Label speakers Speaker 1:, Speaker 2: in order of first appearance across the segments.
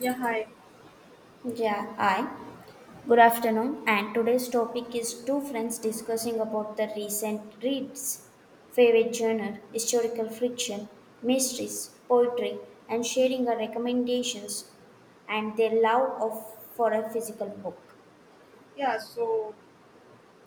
Speaker 1: Yeah, hi.
Speaker 2: Yeah, I. Good afternoon. And today's topic is two friends discussing about the recent reads, favorite genre, historical fiction, mysteries, poetry, and sharing our recommendations and their love of for a physical book.
Speaker 1: Yeah, so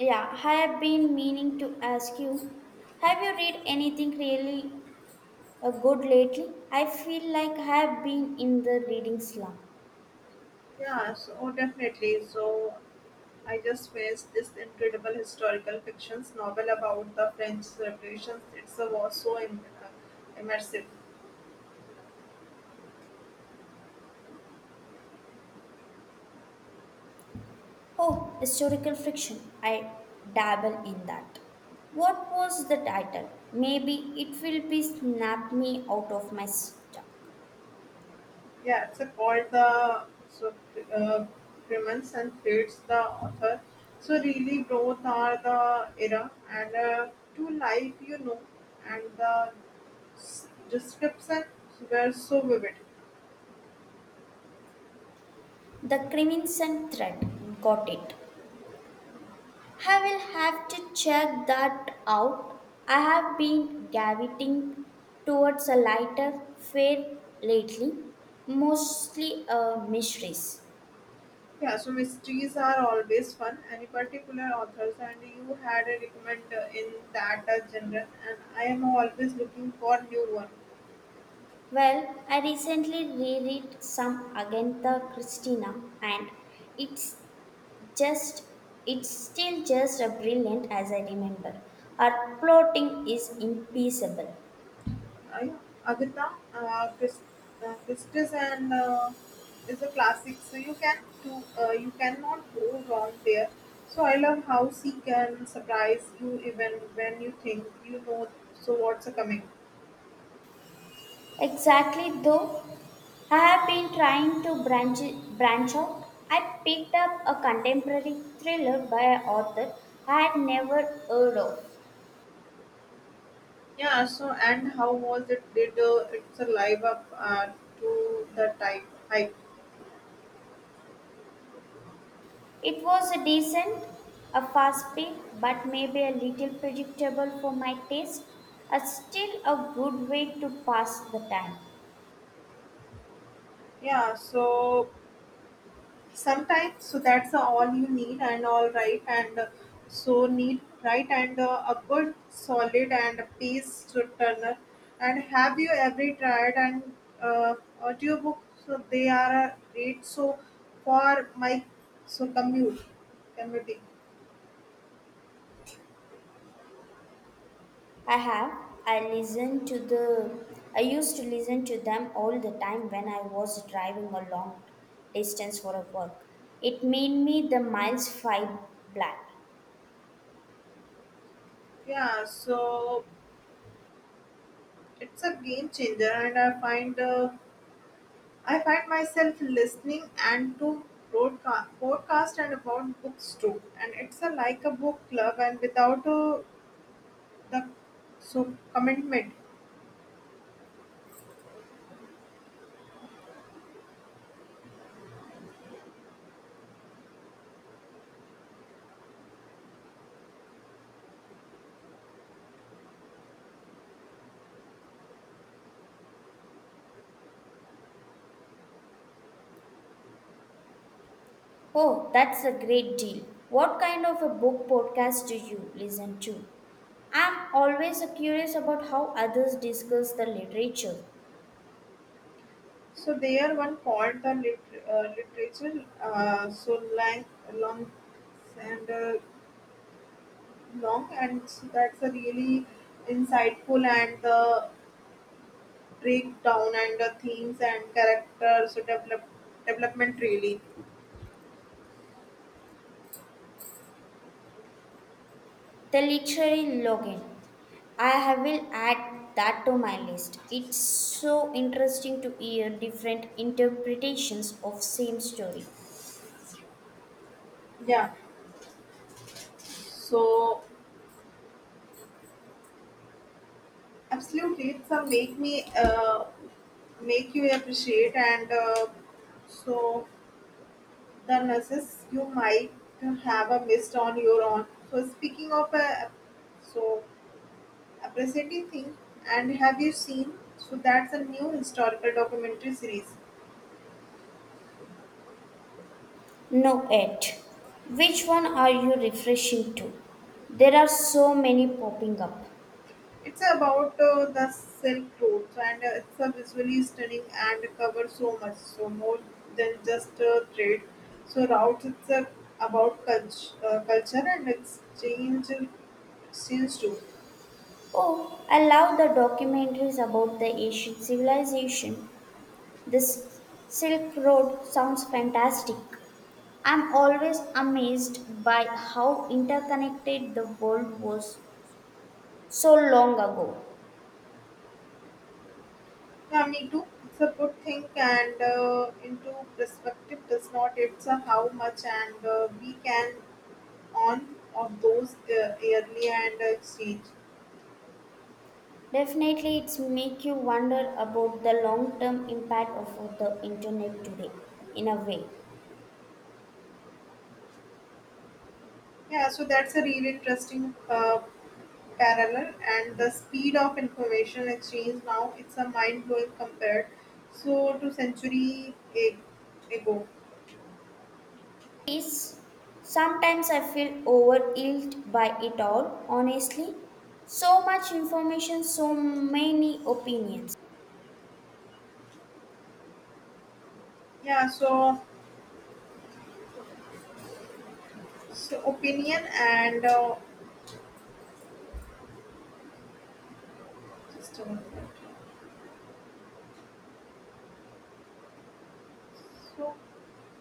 Speaker 2: Yeah, I have been meaning to ask you, have you read anything really good lately? I feel like I have been in the reading slump.
Speaker 1: Definitely. So I just finished this incredible historical fictions novel about the French Revolution. It's a, was so immersive.
Speaker 2: Oh, historical fiction. I dabble in that. What was the title? Maybe it will be Snap Me Out of My Stuck.
Speaker 1: Yeah, it's a, called the so uh, Crimes and Fates. The author so really both are the era and to life, you know, and the description were so vivid.
Speaker 2: The Crimson Thread. Got it. I will have to check that out. I have been gravitating towards a lighter fare lately, mostly mysteries.
Speaker 1: Yeah, so mysteries are always fun. Any particular authors, and you had a recommend in that genre, and I am always looking for new one.
Speaker 2: Well, I recently reread some Agatha Christina and it's just it's still just as brilliant as I remember. Our plotting is impeccable.
Speaker 1: I, Agatha uh, Christ, Christie's and is a classic, so you can to you cannot go wrong there. So I love how she can surprise you even when you think you know. So what's a coming?
Speaker 2: Exactly though, I have been trying to branch out. I picked up a contemporary thriller by an author I had never heard of.
Speaker 1: Yeah. So and how was it? Did it's a live up to the type hype?
Speaker 2: It was a decent, a fast paced but maybe a little predictable for my taste. A still a good way to pass the time.
Speaker 1: Yeah. Sometimes so that's all you need and all right and so need right and a good solid and a pace to turner and have you ever tried and uh, audiobook, so they are a great so for my so commute commuting.
Speaker 2: I have. I listen to the. I used to listen to them all the time when I was driving a long distance for a work. It made me the miles five black.
Speaker 1: Yeah, it's a game changer and I find myself listening and to podcast and about books too, and it's a like a book club and without the so commitment.
Speaker 2: Oh, that's a great deal. What kind of a book podcast do you listen to? I'm always curious about how others discuss the literature.
Speaker 1: So they are one called the literature so lang- long and long and so that's a really insightful and the breakdown and the themes and characters so development really.
Speaker 2: The literary login. Will add that to my list. It's so interesting to hear different interpretations of same story.
Speaker 1: Yeah so absolutely, it's a make you appreciate and so the nurses you might have a missed on your own. So speaking of so appreciating thing, and have you seen? So that's a new historical documentary series.
Speaker 2: No it. Which one are you refreshing to? There are so many popping up.
Speaker 1: It's about the Silk Road, and it's a visually stunning and covers so much, so more than just trade. So routes, it's about culture and exchange, exchange too.
Speaker 2: Oh, I love the documentaries about the ancient civilization. This Silk Road sounds fantastic. I'm always amazed by how interconnected the world was so long ago.
Speaker 1: Yeah, me too. It's a good thing, and into perspective does not. It's how much, and we can on of those yearly and exchange.
Speaker 2: Definitely, it's make you wonder about the long-term impact of the internet today. In a way,
Speaker 1: Yeah, so that's a really interesting parallel and the speed of information exchange now, it's a mind blowing compared so to ago.
Speaker 2: is sometimes I feel overwhelmed by it all. Honestly, so much information, so many opinions.
Speaker 1: Yeah so so opinion and just a minute. So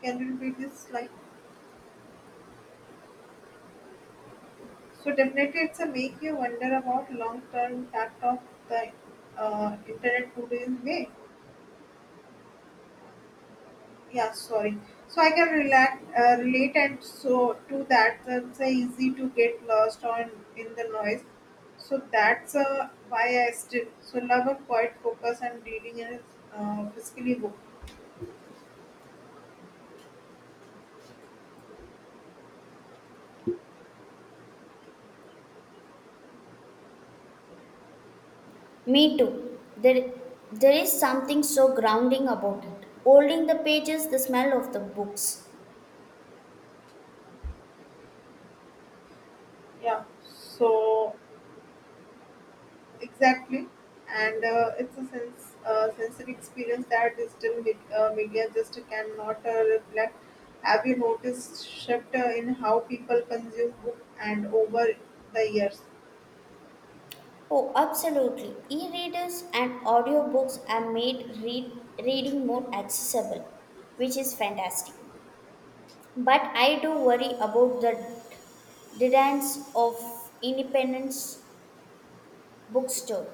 Speaker 1: can you repeat this? Like, so definitely it's a make you wonder about long term impact of the internet today's way. Yeah, sorry. So I can relate relate and so to that, that's easy to get lost on in the noise. So that's why I still so love a quiet focus and reading in a physically book.
Speaker 2: Me too. There is something so grounding about it. Holding the pages, the smell of the books.
Speaker 1: Yeah, exactly, and it's a sense sensory experience that digital media just cannot reflect. Have you noticed shift in how people consume book and over the years?
Speaker 2: Oh, absolutely. E-readers and audiobooks are reading more accessible, which is fantastic. But I do worry about the demands of independence bookstore.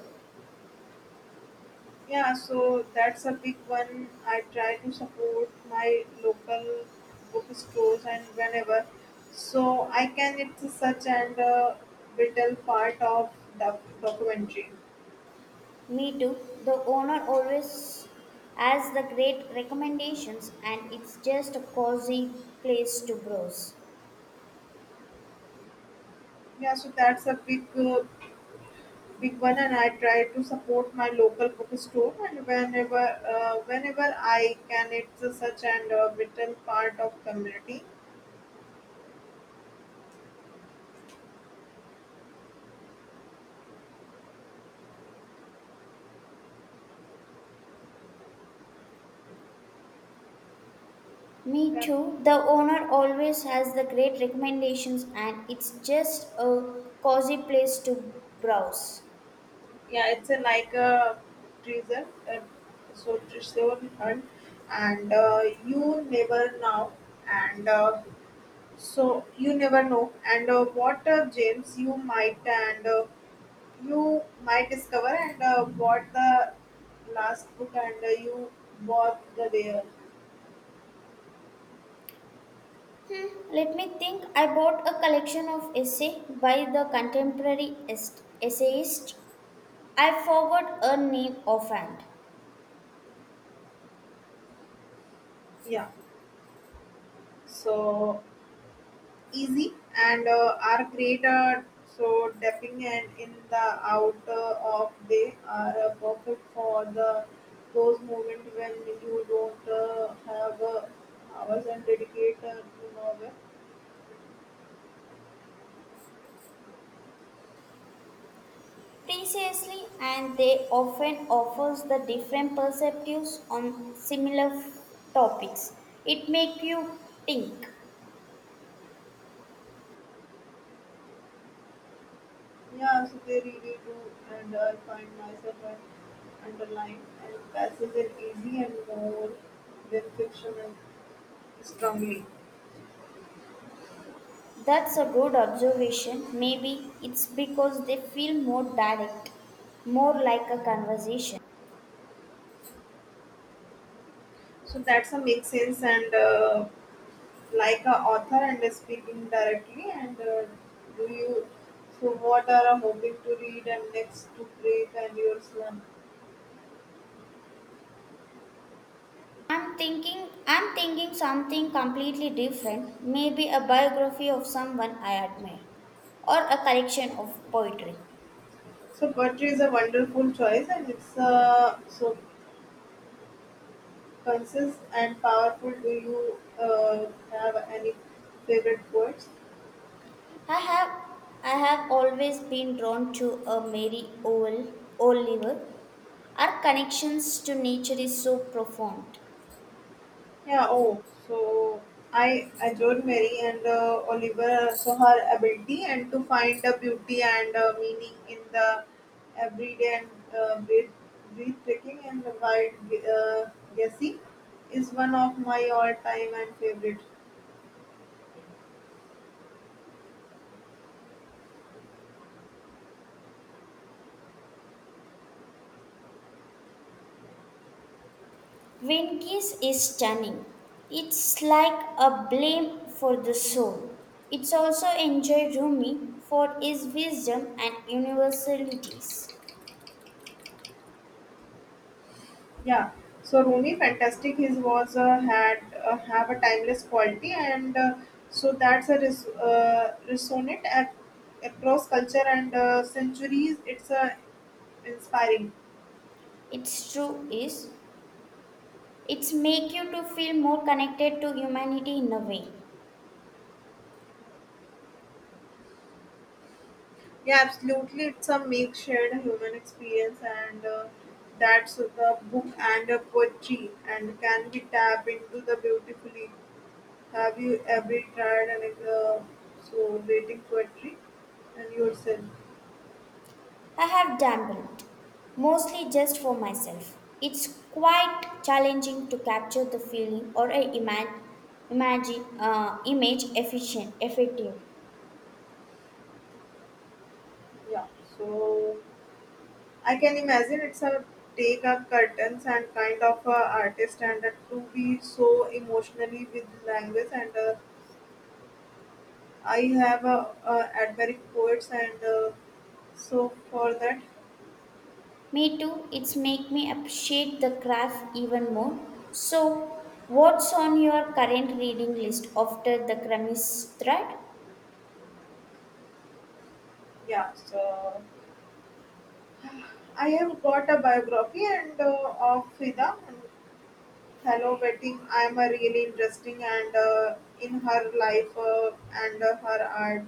Speaker 1: Yeah, so that's a big one. I try to support my local bookstores and whenever. So I can, it's such and a vital part of the documentary.
Speaker 2: Me too. The owner always has the great recommendations and it's just a cozy place to browse.
Speaker 1: Yeah, so that's a big, big one, and I try to support my local bookstore and whenever, whenever I can, it's such and a vital part of community.
Speaker 2: Me
Speaker 1: Yeah.
Speaker 2: too. The owner always has the great recommendations, and it's just a cozy place to browse.
Speaker 1: Yeah it's a like a treasure uh, treasure hunt and you never know and so you never know and what gems you might and you might discover and what the last book and you bought the there.
Speaker 2: Hmm, let me think. I bought a collection of essay by the contemporary essayist. I forgot a name offhand.
Speaker 1: Yeah so easy and are created so dipping and in the outer of they are perfect for the those moment when you don't have hours and dedicate to novel.
Speaker 2: Precisely, and they often offers the different perspectives on similar topics. It make you think.
Speaker 1: Yeah, so they really do, and I find myself and underline and passes in easy and more than fiction and strongly.
Speaker 2: That's a good observation. Maybe it's because they feel more direct, more like a conversation.
Speaker 1: So that's a make sense and. Like a author and speaking directly and do you so what are a hobby to read and next to break and your slump?
Speaker 2: I'm thinking something completely different, maybe a biography of someone I admire or a collection of poetry.
Speaker 1: So poetry is a wonderful choice and it's so concise and powerful. Do you have any favorite poets?
Speaker 2: I have I have always been drawn to a Mary Oliver. Our connections to nature is so profound.
Speaker 1: Yeah, oh, so I adored Mary and Oliver, so her ability and to find the beauty and meaning in the everyday and uh, breath- breathtaking and wild uh, guessing is one of my all-time and favorite.
Speaker 2: Venki's is stunning. It's like a blame for the soul. It's also enjoy Rumi for his wisdom and universalities.
Speaker 1: Yeah, so Rooney, fantastic. His was had have a timeless quality and so that's a resonant across culture and centuries. It's inspiring.
Speaker 2: Its true is it's make you to feel more connected to humanity in a way.
Speaker 1: Yeah, absolutely. It's a mixed shared human experience, and that's the book and the poetry, and can be tapped into the beautifully. Have you ever tried and so waiting poetry and yourself?
Speaker 2: I have dabbled, mostly just for myself. It's quite challenging to capture the feeling or a imagine image efficient effectively.
Speaker 1: Yeah, so I can imagine it's a take up curtains and kind of a artist and to be so emotionally with language and I have a admiring poets and so for that.
Speaker 2: Me too. It's make me appreciate the craft even more. So, what's on your current reading list after the Kremis thread?
Speaker 1: Yeah, so I have got a biography and of Frida and fellow waiting. I am really interesting and in her life and her art.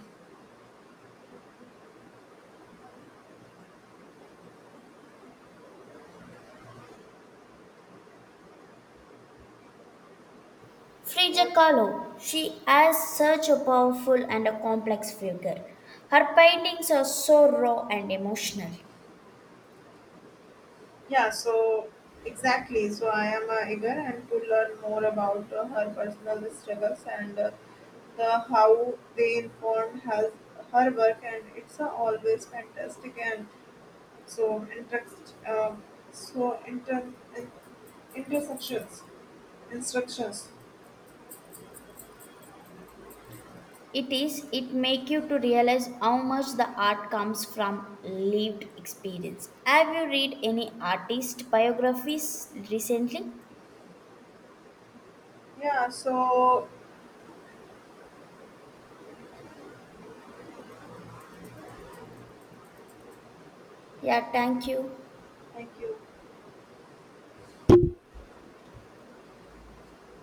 Speaker 1: Yeah.
Speaker 2: Frida Kahlo. She has such a powerful and a complex figure. Her paintings are so raw and emotional.
Speaker 1: Yeah, so exactly. So I am eager and to learn more about her personal struggles and the how they informed her, her work. And it's always fantastic and so interest, so inter, in, intersections instructions.
Speaker 2: It is. It make you to realize how much the art comes from lived experience. Have you read any artist biographies recently?
Speaker 1: Yeah, so
Speaker 2: Yeah. Thank you.
Speaker 1: thank you.